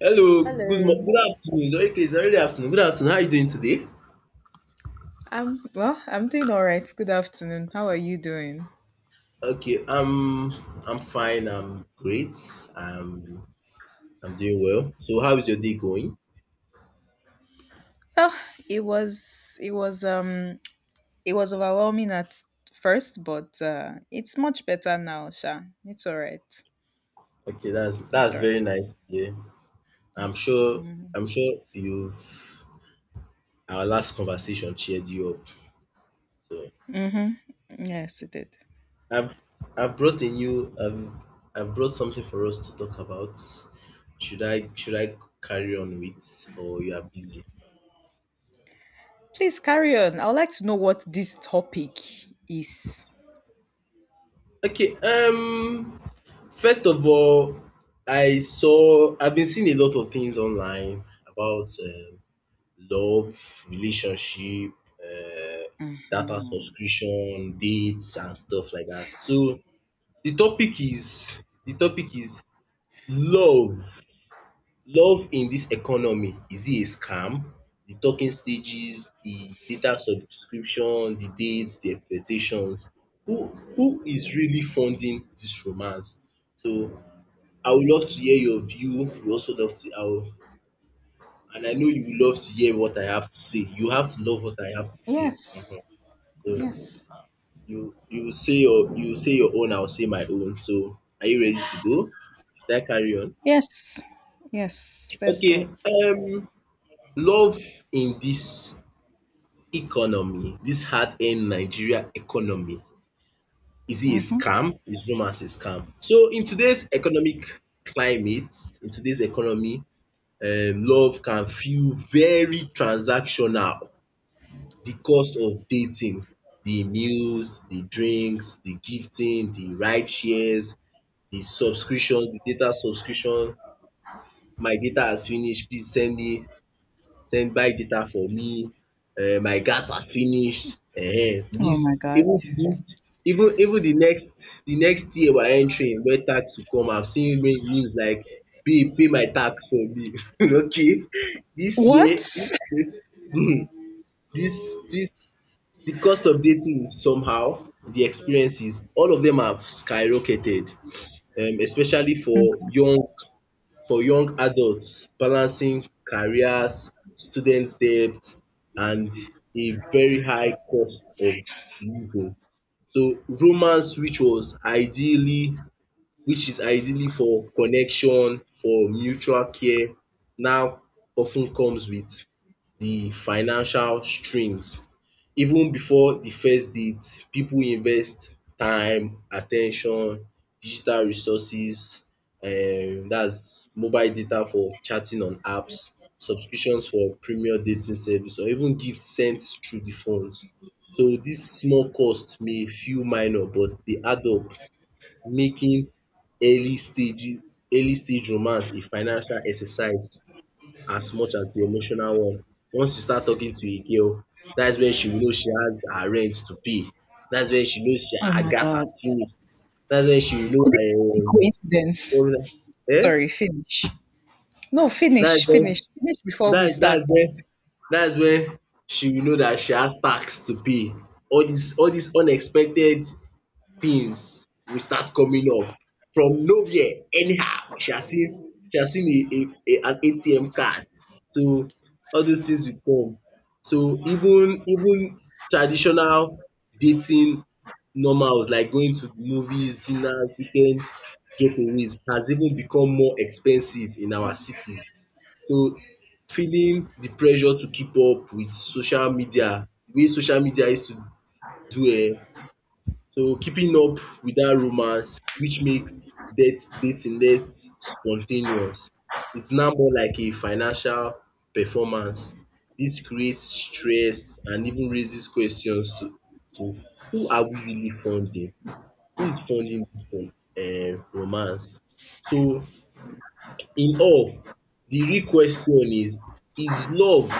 Hello, Hello. Good afternoon. It's already afternoon. Good afternoon. How are you doing today? I'm well, I'm doing all right. Good afternoon. How are you doing? Okay, I'm fine. I'm great. I'm I'm doing well. So, how is your day going? Well, it was it was um it was overwhelming at first, but it's much better now, Sha. It's all right. Okay, that's It's that's all right. very nice. Yeah, I'm sure Mm-hmm. I'm sure you've our last conversation cheered you up. So, Mm-hmm. Yes, it did. I've I've brought a new I've brought something for us to talk about. Should I carry on with, or you are busy? Please carry on. I would like to know what this topic is. Okay, First of all, I've been seeing a lot of things online about love, relationship, um data Mm-hmm. subscription, dates and stuff like that. So the topic is love. Love in this economy, is it a scam? The talking stages, the data subscription, the dates, the expectations. Who who is really funding this romance? So I would love to hear your view. You also love to, I will, and I know you will love to hear what I have to say. You have to love what I have to say. Yes. Mhm. So Yes. You will say your own. I'll say my own. So are you ready to go? Should I carry on? Yes. Yes. Let's go. Okay. Love in this economy, this hard-earned Nigeria economy, is it a Mm-hmm. scam? Is rumors a scam? So in today's economic climate, in today's economy, love can feel very transactional. The cost of dating, the meals, the drinks, the gifting, the ride shares, the subscription, the data subscription, "my data has finished, please send me," send buy data for me, my gas has finished, Oh this, my God. even this, even the next year we are entering, when tax will come. I have seen many news like, pay my tax for me okay, this year What? this year um this this the cost of dating is somehow, the experiences, all of them, have skyrocketed, especially for Okay. young adults balancing careers, student debt and a very high cost of living. So romance rituals, ideally, which is ideally for connection, for mutual care, now often comes with the financial strings. Even before the first date, people invest time, at ten tion, digital resources, that's mobile data for chatting on apps, subscriptions for premier dating service or even gifts sent through the phones. So this small cost may feel minor but dey add up, making early-stage early-stage romance a financial exercise as much as the emotional one. Once you start talking to a girl, that's when she will know she has her rent to pay. That's when she knows, Oh her my gas has God. finished. That's when she will Could it not be know, coincidence? what is Sorry, finish. No, dat, finish, finish, finish before we that's when start. that's that's when that's when she will know dat she has tax to pay. All dis unexpected things will start coming up from nowhere, anyhow she has seen a an ATM card, so all those things will come. So even traditional dating normals like going to movies, dinners, weekend getaways has even become more expensive in our cities. So feeling the pressure to keep up with social media, the way social media used to do, so keeping up with that romance, which makes det dating less spontaneous. It's now more like a financial performance. This creates stress and even raises questions to, to who are we really funding? Who is funding this, romance? So in all, the real question is love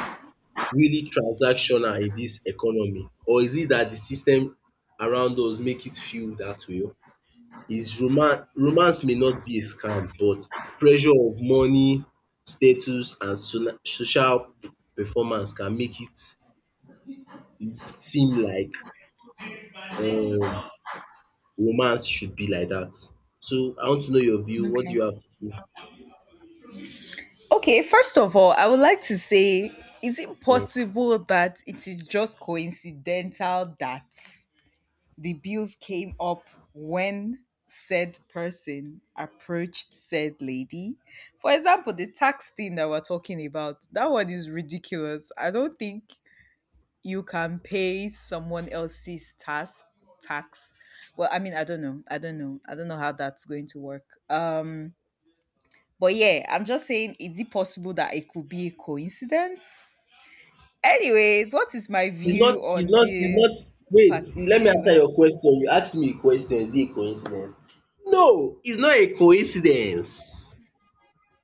really transactional in this economy, or is it that the system around us make it feel that way? Is romance Romance may not be a scam, but the pressure of money, status and sona social performance can make it seem like, um romance should be like that. So I want to know your view. What do Okay. you have to say? Okay, first of all, I would like to say, is it um possible that it is just coincidental that the bills came up when said person approached said lady? For example, the tax thing that we're talking about, that one is ridiculous. I don't think you can pay someone else's task tax. Well, I mean, I don't know I don't know I don't know how that's going to work. But yeah, I'm just saying, is it possible that it could be a coincidence? Anyways, what is my It's not view it's on not it's not this wait, let me answer particular? your question. You ask me a question, is it a coincidence? No, it's not a coincidence.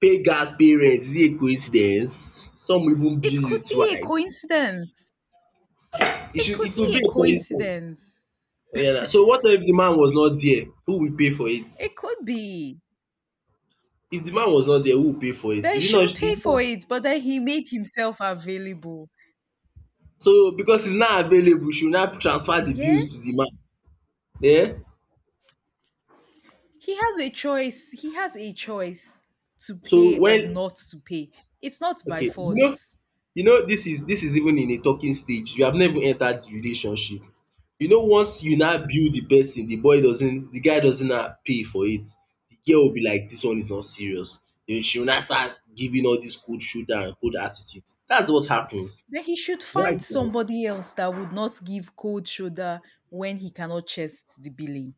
Pay gas, pay is it a coincidence? Some even bill It you could be a twice. coincidence. It It should could it could be be a a coincidence. coincidence. Oya, so what if the man was not there? Who will pay for it? It could be. If the man was not there, who will pay for it? Then Is it she not will is pay it not for it, but then he made himself available. so because it's not available, she will now transfer the Yeah. bills to the man. Yeah? He has a choice. He has a choice to So pay or when not to pay. It's not by okay, you know force. you know this is even in a talking stage. You have never entered the relationship. You know, once you now build the person, the guy doesn't now pay for it. The girl will be like, this one is not serious. Then she will now start giving all this cold shoulder and cold attitude. That's what happens Then he should right find now. somebody else that would not give cold shoulder when he cannot chest the billing.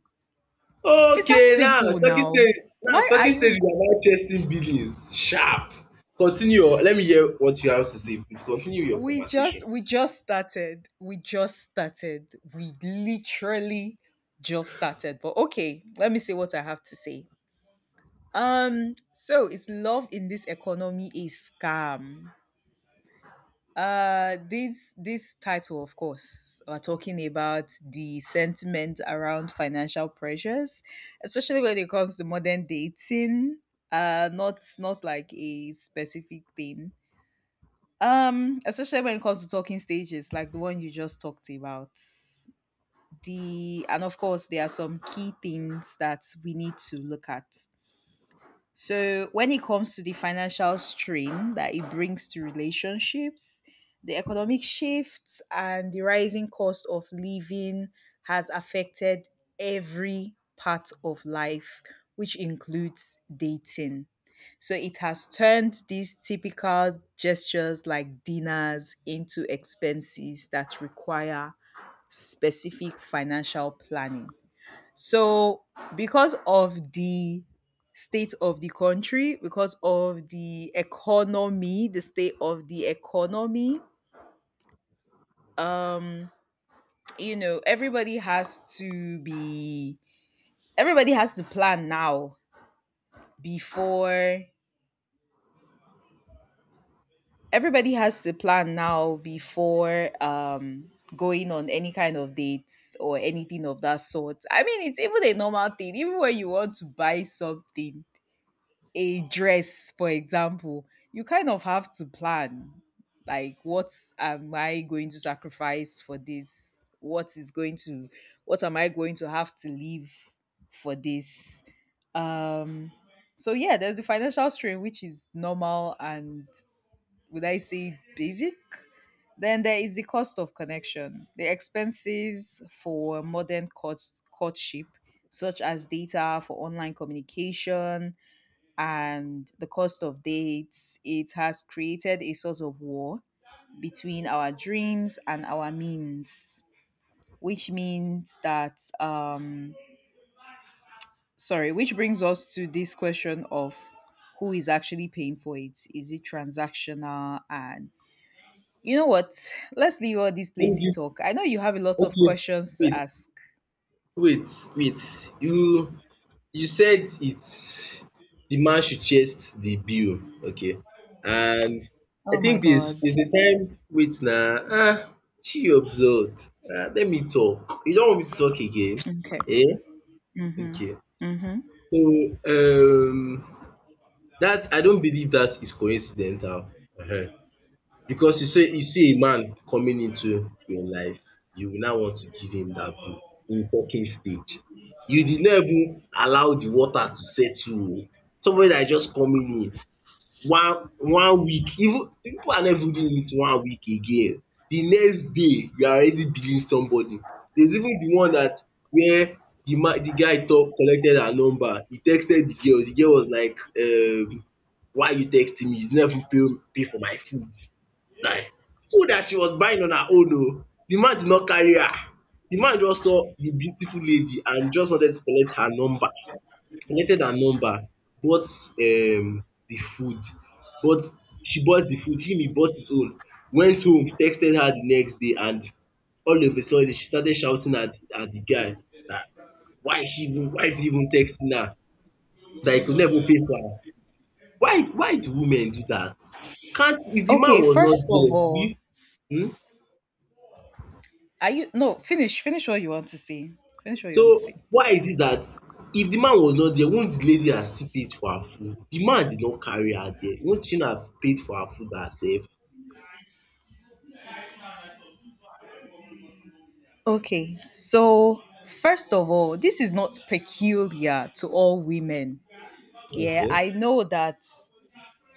It's as Okay, now simple talking now. stage now Why are talking stage is you about chasing billions. Sharp. Continue your let me hear what you have to say. Please continue your we conversation. just we just started. We just started. We literally just started. But okay, let me say what I have to say. So is love in this economy a scam? This title, of course, are talking about the sentiment around financial pressures, especially when it comes to modern dating. Not like a specific thing. Especially when it comes to talking stages, like the one you just talked about. The and of course, there are some key things that we need to look at, so when it comes to the financial strain that it brings to relationships, the economic shifts and the rising cost of living has affected every part of life, which includes dating. So it has turned these typical gestures like dinners into expenses that require specific financial planning. So, because of the state of the country, because of the economy, the state of the economy, um, you know, everybody has to be, everybody has to plan now before, everybody has to plan now before, going on any kind of dates or anything of that sort. I mean, it's even a normal thing, even when you want to buy something a dress, for example, you kind of have to plan, like, what am I going to sacrifice for this? What am I going to have to leave for this? Um so yeah, there's the financial strain, which is normal and, would I say, basic? Then there is the cost of connection. The expenses for modern courtship, such as data for online communication, and the cost of dates, it has created a sort of war between our dreams and our means, which means that, um, sorry, which brings us to this question of who is actually paying for it. Is it transactional? And you know what? Let's leave all this Let me plenty give talk. I know you have a lot of okay. questions to Wait, ask. wait, wait. You said it's the man should chase the bill, okay? And I Oh my think this God. is the time, wait na, chill your blood. Let me talk. You don't want me to talk again? Okay. Eh? Mm-hmm. Okay. Mm-hmm. So, that I don't believe that is coincidental, um because you see a man coming into your life, you will now want to give him that bill in talking stage. You did not even allow the water to settle oo. Somebody that is just coming in, one week, even people are not even doing it one week again, the next day you are already billing somebody. There's even the one that, where the man, the guy talk collected her number, he texted the girl. The girl was like, why you texting me, you no even pay for my food, die food that she was buying on her own o. The man did not carry her. The man just saw the beautiful lady and just wanted to collect her number, related her number, bought the food, bought she bought the food, him he bought his own, went home, texted her the next day, and all of a sudden she started shouting at the guy, dat why is he even texting her, dat he could not even pay for am. Why do women do dat? Can't if the man Okay, was not first of there, will all, you um are you no finish? Finish what you want to say. Finish what you want to So say. why is it that if the man was not there, won't the lady have still paid for her food? The man did not carry her there. Won't she not have paid for her food herself? Okay. So, first of all, this is not peculiar to all women. Yeah, Okay.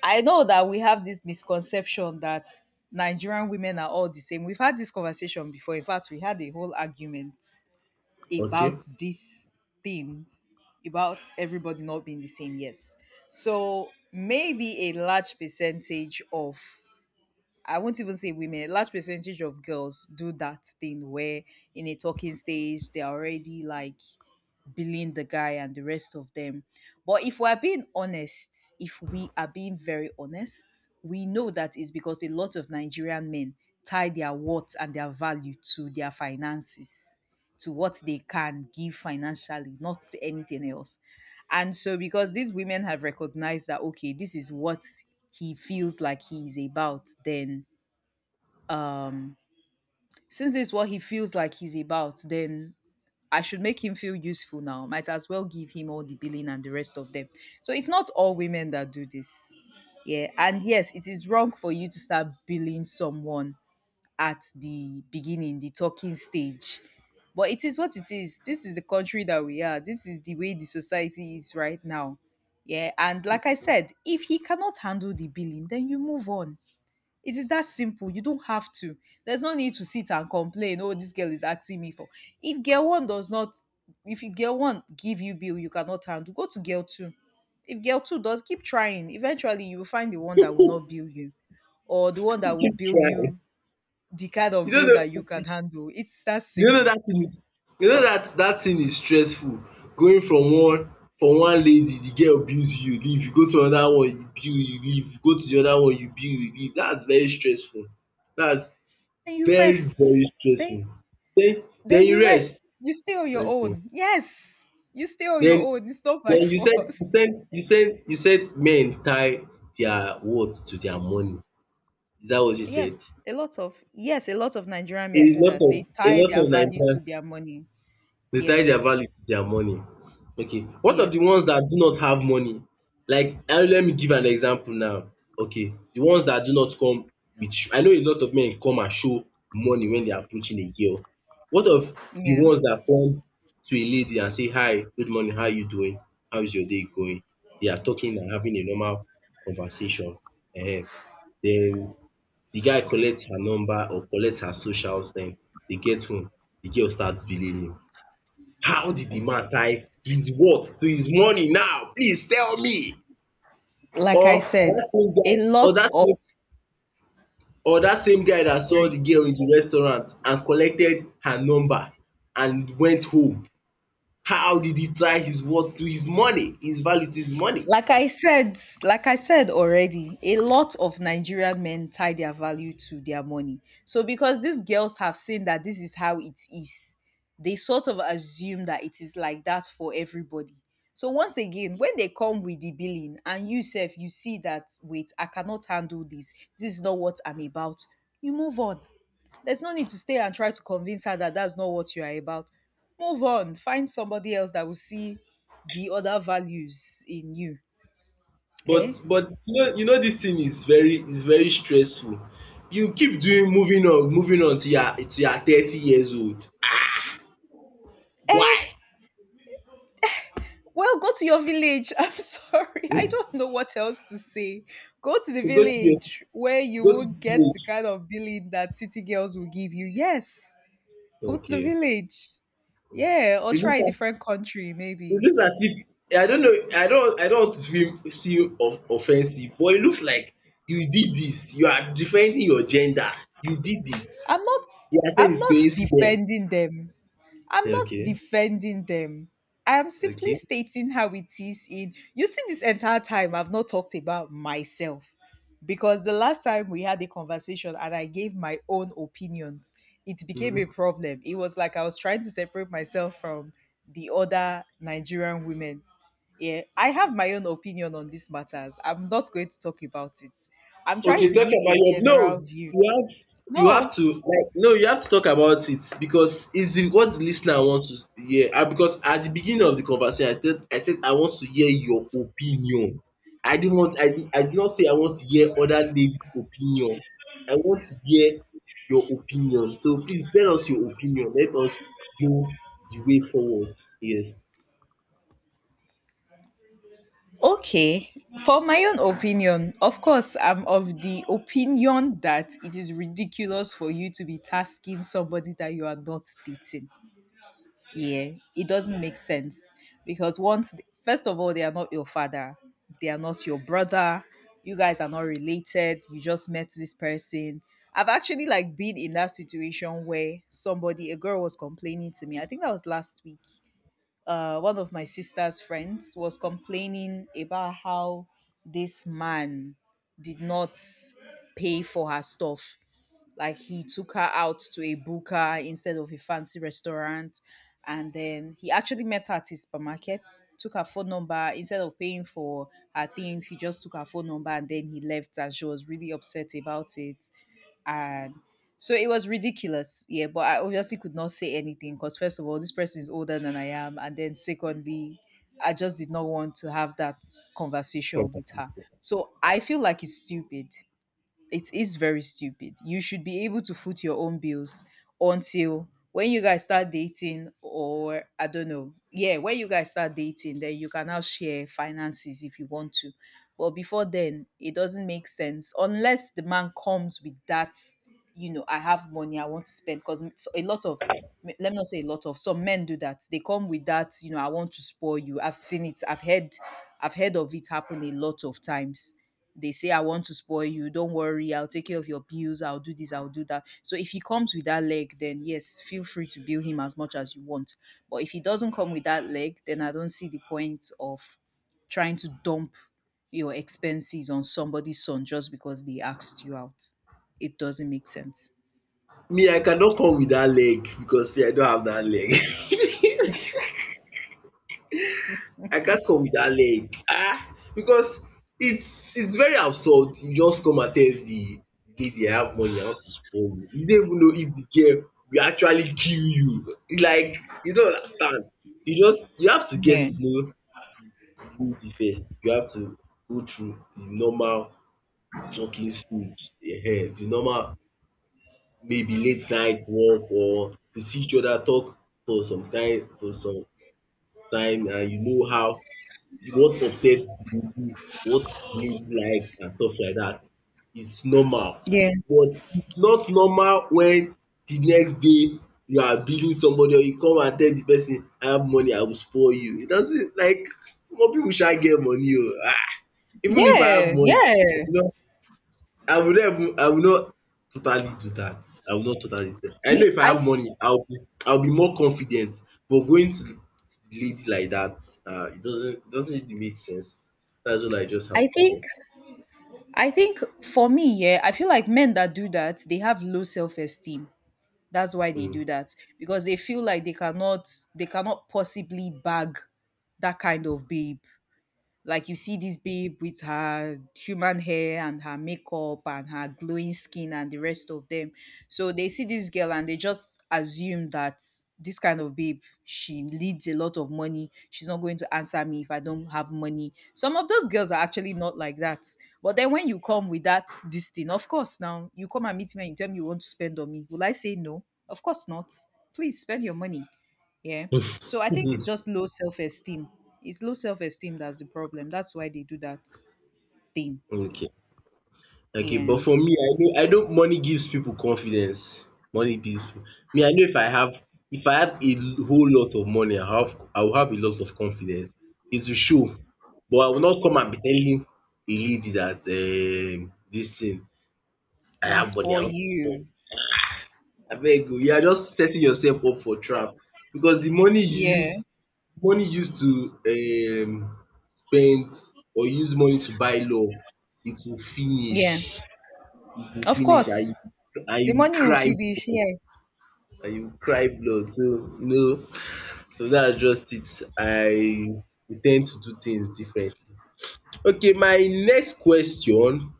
I know that we have this misconception that Nigerian women are all the same. We've had this conversation before. In fact, we had a whole argument Okay. about this thing about everybody not being the same. Yes. So, maybe a large percentage of, I won't even say women, a large percentage of girls do that thing where in a talking stage they're already like billing the guy and the rest of them. But if we're being honest, if we are being very honest, we know that is because a lot of Nigerian men tie their worth and their value to their finances, to what they can give financially, not to anything else. And so, because these women have recognized that, okay, this is what he feels like he is about, then um since this is what he feels like he's about, then I should make him feel useful. Now, might as well give him all the billing and the rest of them. So it's not all women that do this. Yeah, and yes, it is wrong for you to start billing someone at the beginning, the talking stage. But it is what it is. This is the country that we are. This is the way the society is right now. Yeah, and like I said, if he cannot handle the billing, then you move on. It is that simple. You don't have to. There's no need to sit and complain. Oh, this girl is asking me for. If girl one does not, if girl one give you bill, you cannot handle. Go to girl two. If girl two does, keep trying. Eventually, you will find the one that will Keep not bill you, or the one that will bill trying. you the kind You of don't bill that you know can handle. It's that you don't know simple. dat thing, dat thing is stressful, going from one, lady, the girl bills you, you leave. You go to another one, you bill, you leave. You go to the other one, you bill, you leave. Dat's very stressful. Dat's And you very, rest. very Then, stressful. Den den then you you rest. rest. You stay on your Okay. own. Yes, you stay on Den your own. It's not by Then force. You said men tie their words to their money. Is that what you said? Yes, a lot of Nigerian A men do lot that. They of a tie lot their of value to Nigerians. their money. They tie their Yes. value to their money. Okay, what of the ones Yes. that do not have money? Like, let me give an example now. Okay, the ones that do not come with sh I know a lot of men come and show money when they are approaching a girl. What of the Yeah. ones that come to a lady and say, "Hi, good morning, how are you doing? How is your day going?" They are talking and having a normal conversation. um Then the guy collect her number or collect her socials. Then they get home, the girl start vilaining. How did the man tie his what to his money now? Please tell me. Like Or I said, that same a guy or lot that of same or that same guy that saw Sorry, the girl in the restaurant and collected her number and went home. How did he tie his worth to his money, his value to his money? like I said already, a lot of Nigerian men tie their value to their money. So because these girls have seen that this is how it is, they sort of assume that it is like that for everybody. So once again, when they come with the billing and you self you see that, wait, I cannot handle this. This is not what I'm about. You move on. There's no need to stay and try to convince her that that's not what you are about. Move on. Find somebody else that will see the other values in you. But Eh? but you know this thing is very, stressful. You keep doing moving on to your 30 years old. Why? Well, go to your village. I'm sorry. I Hmm? don't know what else to say. Go to the You village where you go to will get the the kind of billing that city girls will give you. Yes. Go to the village. village. Yeah, or try a Okay. different country It maybe. looks as if, I don't know, I don't want to seem of offensive, but it looks like you did this, you are defending your gender, you did this. I'm not You are saying I'm it's not coincidence. defending them. I'm not Okay, defending them. I'm simply okay. stating how it is. In You see, this entire time I've not talked about myself because the last time we had a conversation and I gave my own opinions, it became a problem. It was like I was trying to separate myself from the other Nigerian women. Yeah, I have my own opinion on these matters. I'm not going to talk about it. I'm trying Okay, to talk give about a your, general no. view. You have you No, have to, like, no, you have to talk about it because it's the, what the listener wants to hear. And because at the beginning of the conversation, I said, I want to hear your opinion. I did not say I want to hear other ladies' opinion. I want to hear your opinion. So please tell us your opinion. Let us do the way forward. Yes. okay, for my own opinion, of course, I'm of the opinion that it is ridiculous for you to be tasking somebody that you are not dating. Yeah, it doesn't make sense because, once, first of all, they are not your father, they are not your brother, you guys are not related, you just met this person. I've actually, like, been in that situation where somebody, a girl, was complaining to me. I think that was last week. One of my sister's friends was complaining about how this man did not pay for her stuff. Like, he took her out to a buka instead of a fancy restaurant. And then he actually met her at his supermarket, took her phone number. Instead of paying for her things, he just took her phone number and then he left. And she was really upset about it, and so it was ridiculous. Yeah, but I obviously could not say anything because, first of all, this person is older than I am, and then secondly, I just did not want to have that conversation with Okay. her. So I feel like it's stupid. It is very stupid. You should be able to foot your own bills until when you guys start dating, or, I don't know, yeah, when you guys start dating, then you can now share finances if you want to. But before then, it doesn't make sense unless the man comes with that, you know, I have money, I want to spend. Because a lot of, let me not say a lot of, some men do that. They come with that, you know, I want to spoil you. I've seen it. I've heard of it happen a lot of times. They say, I want to spoil you, don't worry, I'll take care of your bills, I'll do this, I'll do that. So if he comes with that leg, then yes, feel free to bill him as much as you want. But if he doesn't come with that leg, then I don't see the point of trying to dump your expenses on somebody's son just because they asked you out. It doesn't make sense. Me, I cannot come with that leg because me, I don't have that leg. I can't come with that leg ah, because it's very absurd. You just come and tell the lady, "I have money, I want to spoil you." You don't even know if the girl will actually kill you. It's like you don't understand. You have to get Yeah, to know the lady first. You have to go through the normal talking stage. Yeah, the normal maybe late night walk, or you see each other talk for some time, and you know how the what upset you do, what do you like and stuff like that. It's normal. yeah, But it's not normal when the next day you are billing somebody or you come and tell the person, "I have money, I will spoil you." It doesn't like omo, people sha get money oo. Even if I have yeah, money, yeah. I will not totally do that. I will not totally do that. I know me if I have money, I'll be more confident. But going to the lady like that, it doesn't really make sense. That's all I just have i to think say. I think for me, yeah, I feel like men that do that, they have low self-esteem. That's why they Mm, do that, because they feel like they cannot, possibly bag that kind of babe. Like, you see this babe with her human hair and her makeup and her glowing skin and the rest of them. So they see this girl and they just assume that this kind of babe, she needs a lot of money. She's not going to answer me if I don't have money. Some of those girls are actually not like that. But then when you come with that this thing, of course, now you come and meet me and you tell me you want to spend on me. Will I say no? Of course not. Please spend your money. Yeah. So I think it's just low self esteem. It's low self esteem, that's the problem. That's why they do that thing. okay. Okay, Yeah. but for me, I know money gives people confidence. Money gives people. Me, I know if I have a whole lot of money, I will have a lot of confidence. It will show. But I will not come and be telling a lady that, this thing, I Let me have money. spoil Ayabole, you. abeg o, you are just setting yourself up for trap, because the money you use, Yeah. money used to spend, or use money to buy love, it will finish. Yeah. It will Of finish, and course. you and you The will money will cry finish. blood, Yeah. and you will cry blood, so you know, so that's just it. I we ten to do things differently. Okay, my next question,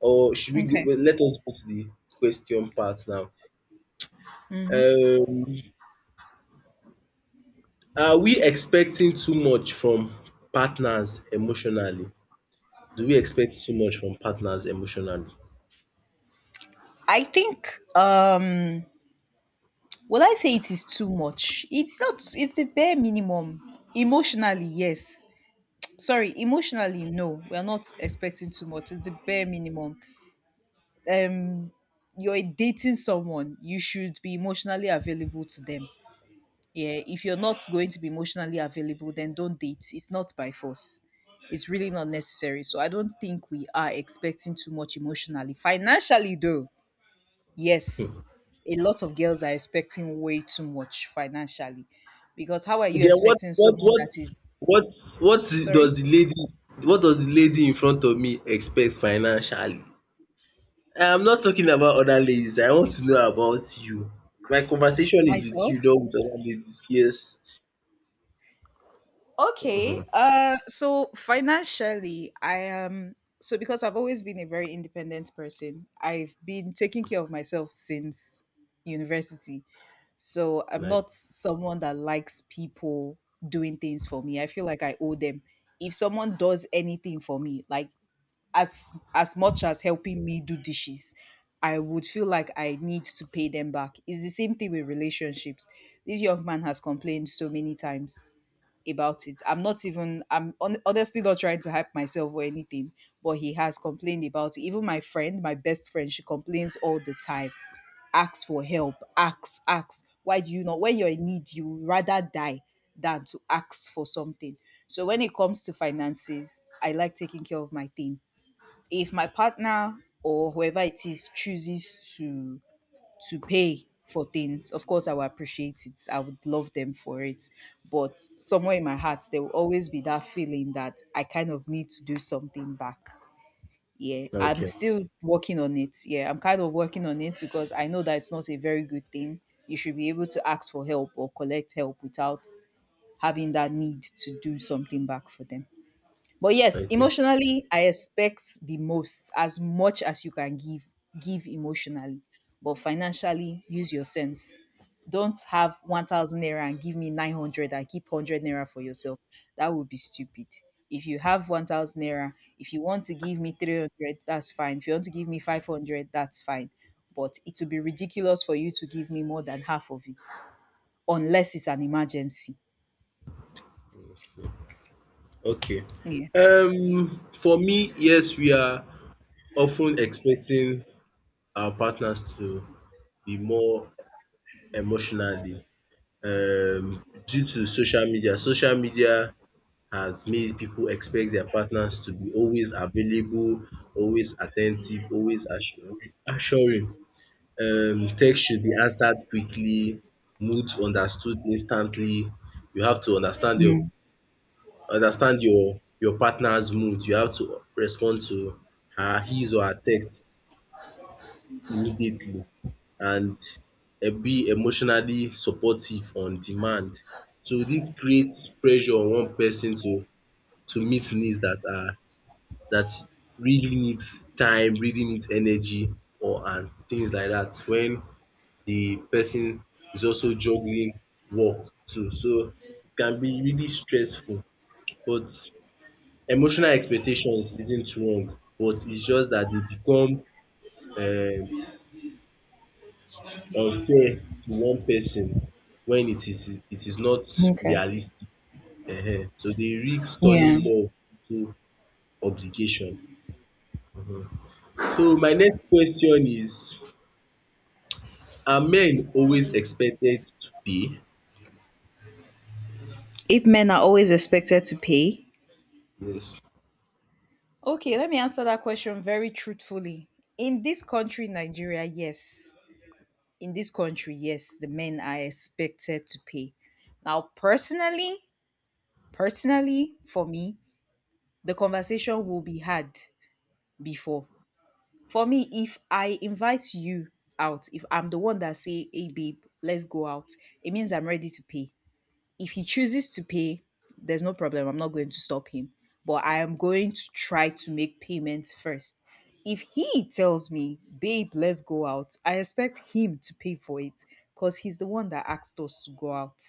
or should we go Okay. well, let us go to the question part now. um Are we expecting too much from partners emotionally? Do we expect too much from partners emotionally? I think, will I say it is too much? It's not, it's the bare minimum. Emotionally, yes. Sorry, emotionally, no. We're not expecting too much. It's the bare minimum. Um, you're dating someone, you should be emotionally available to them. Yeah, if you're not going to be emotionally available, then don't date. It's not by force, it's really not necessary. So I don't think we are expecting too much emotionally. Financially, though, yes, Hmm. a lot of girls are expecting way too much financially, because how are you Then expecting someone that is, what what does sorry, the lady what does the lady in front of me expect financially? I am not talking about other ladies. I want to know about you. My conversation is with myself. you, not with other ladies. Yes. Mhm. Okay. So financially, I am so, because I've always been a very independent person. I've been taking care of myself since university. So I'm Like not someone that likes people doing things for me. I feel like I owe them. If someone does anything for me, like as much as helping me do dishes, I would feel like I need to pay them back. It's the same thing with relationships. This young man has complained so many times about it. I'm not even, I'm honestly not trying to hype myself or anything, but he has complained about it. Even my friend, my best friend, she complains all the time. Ask for help, ask. Why do you not? When you're in need, you would rather die than to ask for something. So when it comes to finances, I like taking care of my thing. If my partner or whoever it is chooses to pay for things. Of course, I will appreciate it. I would love them for it. But somewhere in my heart, there will always be that feeling that I kind of need to do something back. Yeah, I'm okay, still working on it. Yeah, I'm kind of working on it, because I know that it's not a very good thing. You should be able to ask for help or collect help without having that need to do something back for them. But yes, okay, emotionally, I expect the most. As much as you can give, give emotionally. But financially, use your sense. Don't have 1,000 naira and give me 900 and keep 100 naira for yourself. That would be stupid. If you have 1,000 naira, if you want to give me 300, that's fine. If you want to give me 500, that's fine. But it would be ridiculous for you to give me more than half of it, unless it's an emergency. okay. Yeah. For me, yes, we are often expecting our partners to be more emotionally, due to social media. Social media has made people expect their partners to be always available, always attentive, always assuring. Text should be answered quickly, moods understood instantly. You have to understand your Mm, understand your your partner's mood. You have to respond to her his or her text immediately, and be emotionally supportive on demand. So this creates pressure on one person to meet needs that really needs time, really needs energy, or and things like that, when the person is also juggling work too. So it can be really stressful. But emotional expectations isn't wrong, but it's just that they become um unfair to one person when it is not okay. realistic. So they risk turning Yeah. love into obligation. Mhm. So my next question is, are men always expected to pay? If men are always expected to pay? Yes. Okay, let me answer that question very truthfully. In this country, Nigeria, yes. In this country, yes, the men are expected to pay. Now, personally, for me, the conversation will be had before. For me, if I invite you out, if I'm the one that say, hey babe, let's go out, it means I'm ready to pay. If he chooses to pay, there's no problem. I'm not going to stop him. But I am going to try to make payments first. If he tells me, babe, let's go out, I expect him to pay for it, because he's the one that asked us to go out.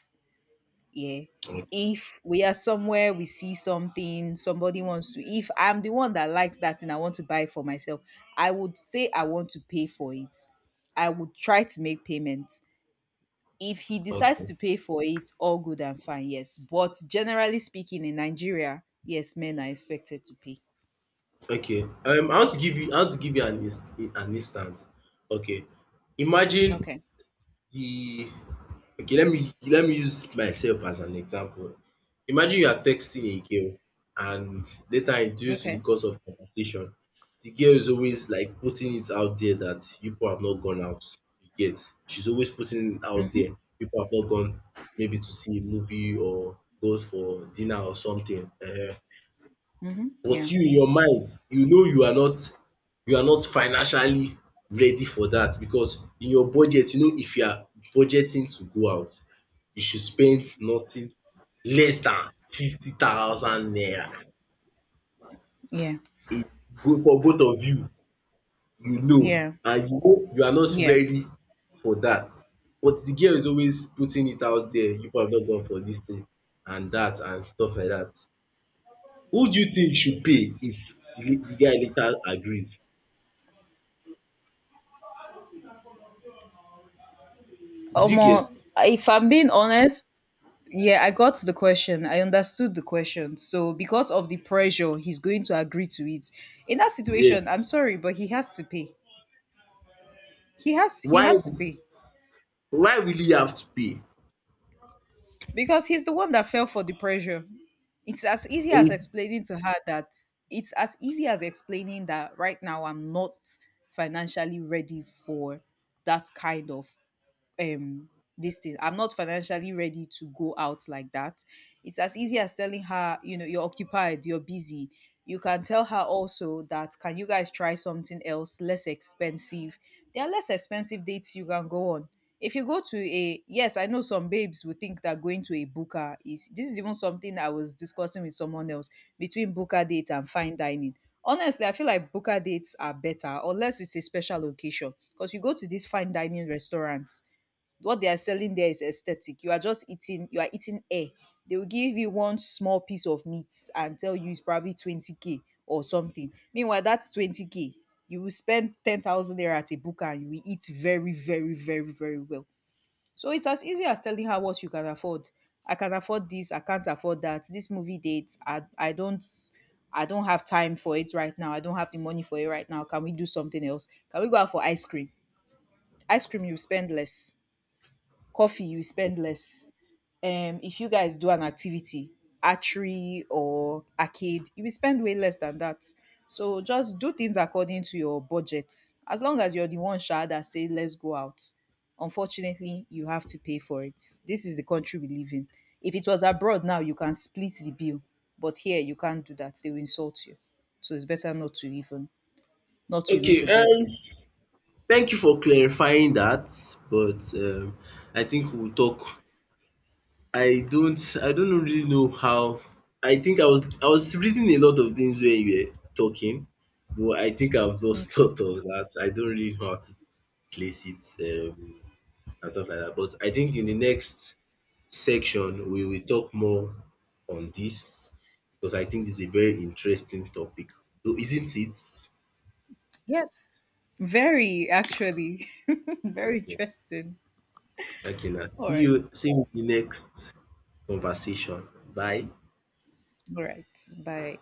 Yeah. Okay. If we are somewhere, we see something, somebody wants to, if I'm the one that likes that and I want to buy it for myself, I would say I want to pay for it. I would try to make payment. If he decides Okay. to pay for it, all good and fine, yes. But generally speaking, in Nigeria, yes, men are expected to pay. Okay. I want to give you I want to give you an ins an instance. Okay. Imagine Okay. the Okay, let me use myself as an example. Imagine you are texting a girl, and later in due to the Okay. course of conversation, the girl is always like putting it out there that you people have not gone out. You get? She's always putting it out Mhm. there. People have not gone maybe to see a movie or go for dinner or something. Mhm. But Yeah. you in your mind, you know you are not, financially ready for dat, because in your budget, you know, if you are budgeting to go out, you should spend nothing less than 50,000 naira. Yeah. It go for both of you, you know, Yeah. and you know you are not Yeah. ready for dat, but the girl is always putting it out there, you people have not gone for dis thing and dat and stuff like dat. Who do you think should pay if the guy later agrees? Did you get? Omo, if I'm being honest, yeah, I got the question. I understood the question. So because of the pressure, he's going to agree to it. In that Yes. situation, I'm sorry, but he has to pay. He Why has to pay why will you have to pay? because he's the one that fell for the pressure. It's as easy as Eh, explaining to her that it's as easy as explaining that right now I'm not financially ready for that kind of, um this thing. I'm not financially ready to go out like that. It's as easy as telling her, you know, you're occupied, you're busy. You can tell her also that, can you guys try something else less expensive? There are less expensive dates you can go on. If you go to a, yes, I know some babes would think that going to a booker is, this is even something I was discussing with someone else, between booker date and fine dining. Honestly, I feel like booker dates are better unless it's a special occasion, because you go to these fine dining restaurants, what they are selling there is aesthetic. You are just eating, you are eating air. They will give you one small piece of meat and tell you it's probably 20K or something. Meanwhile, that's 20K. You will spend 10,000 there at a book and you will eat very, very, very, very well. So it's as easy as telling her what you can afford. I can afford this, I can't afford that. This movie date, I don't have time for it right now. I don't have the money for it right now. Can we do something else? Can we go out for ice cream? Ice cream, you spend less. Coffee, you spend less. If you guys do an activity, archery or arcade, you will spend way less than that. So just do things according to your budget. As long as you're the one sha that say, let's go out, unfortunately, you have to pay for it. This is the country we live in. If it was abroad, now you can split the bill, but here you can't do that, they will insult you. So it's better not to even, okay, suggest it. thank you for clarifying that, but I think we'll talk. I don't really know how. I think I was reading a lot of things when you were talking, but I think I've lost Okay. thought of that. I don't really know how to place it, um and stuff like that. But I think in the next section, we will talk more on this, because I think this is a very interesting topic. So isn't it? Yes, very actually. Very Okay. interesting. Okay, now. All See right. you see you in the next conversation. Bye. All right. Bye.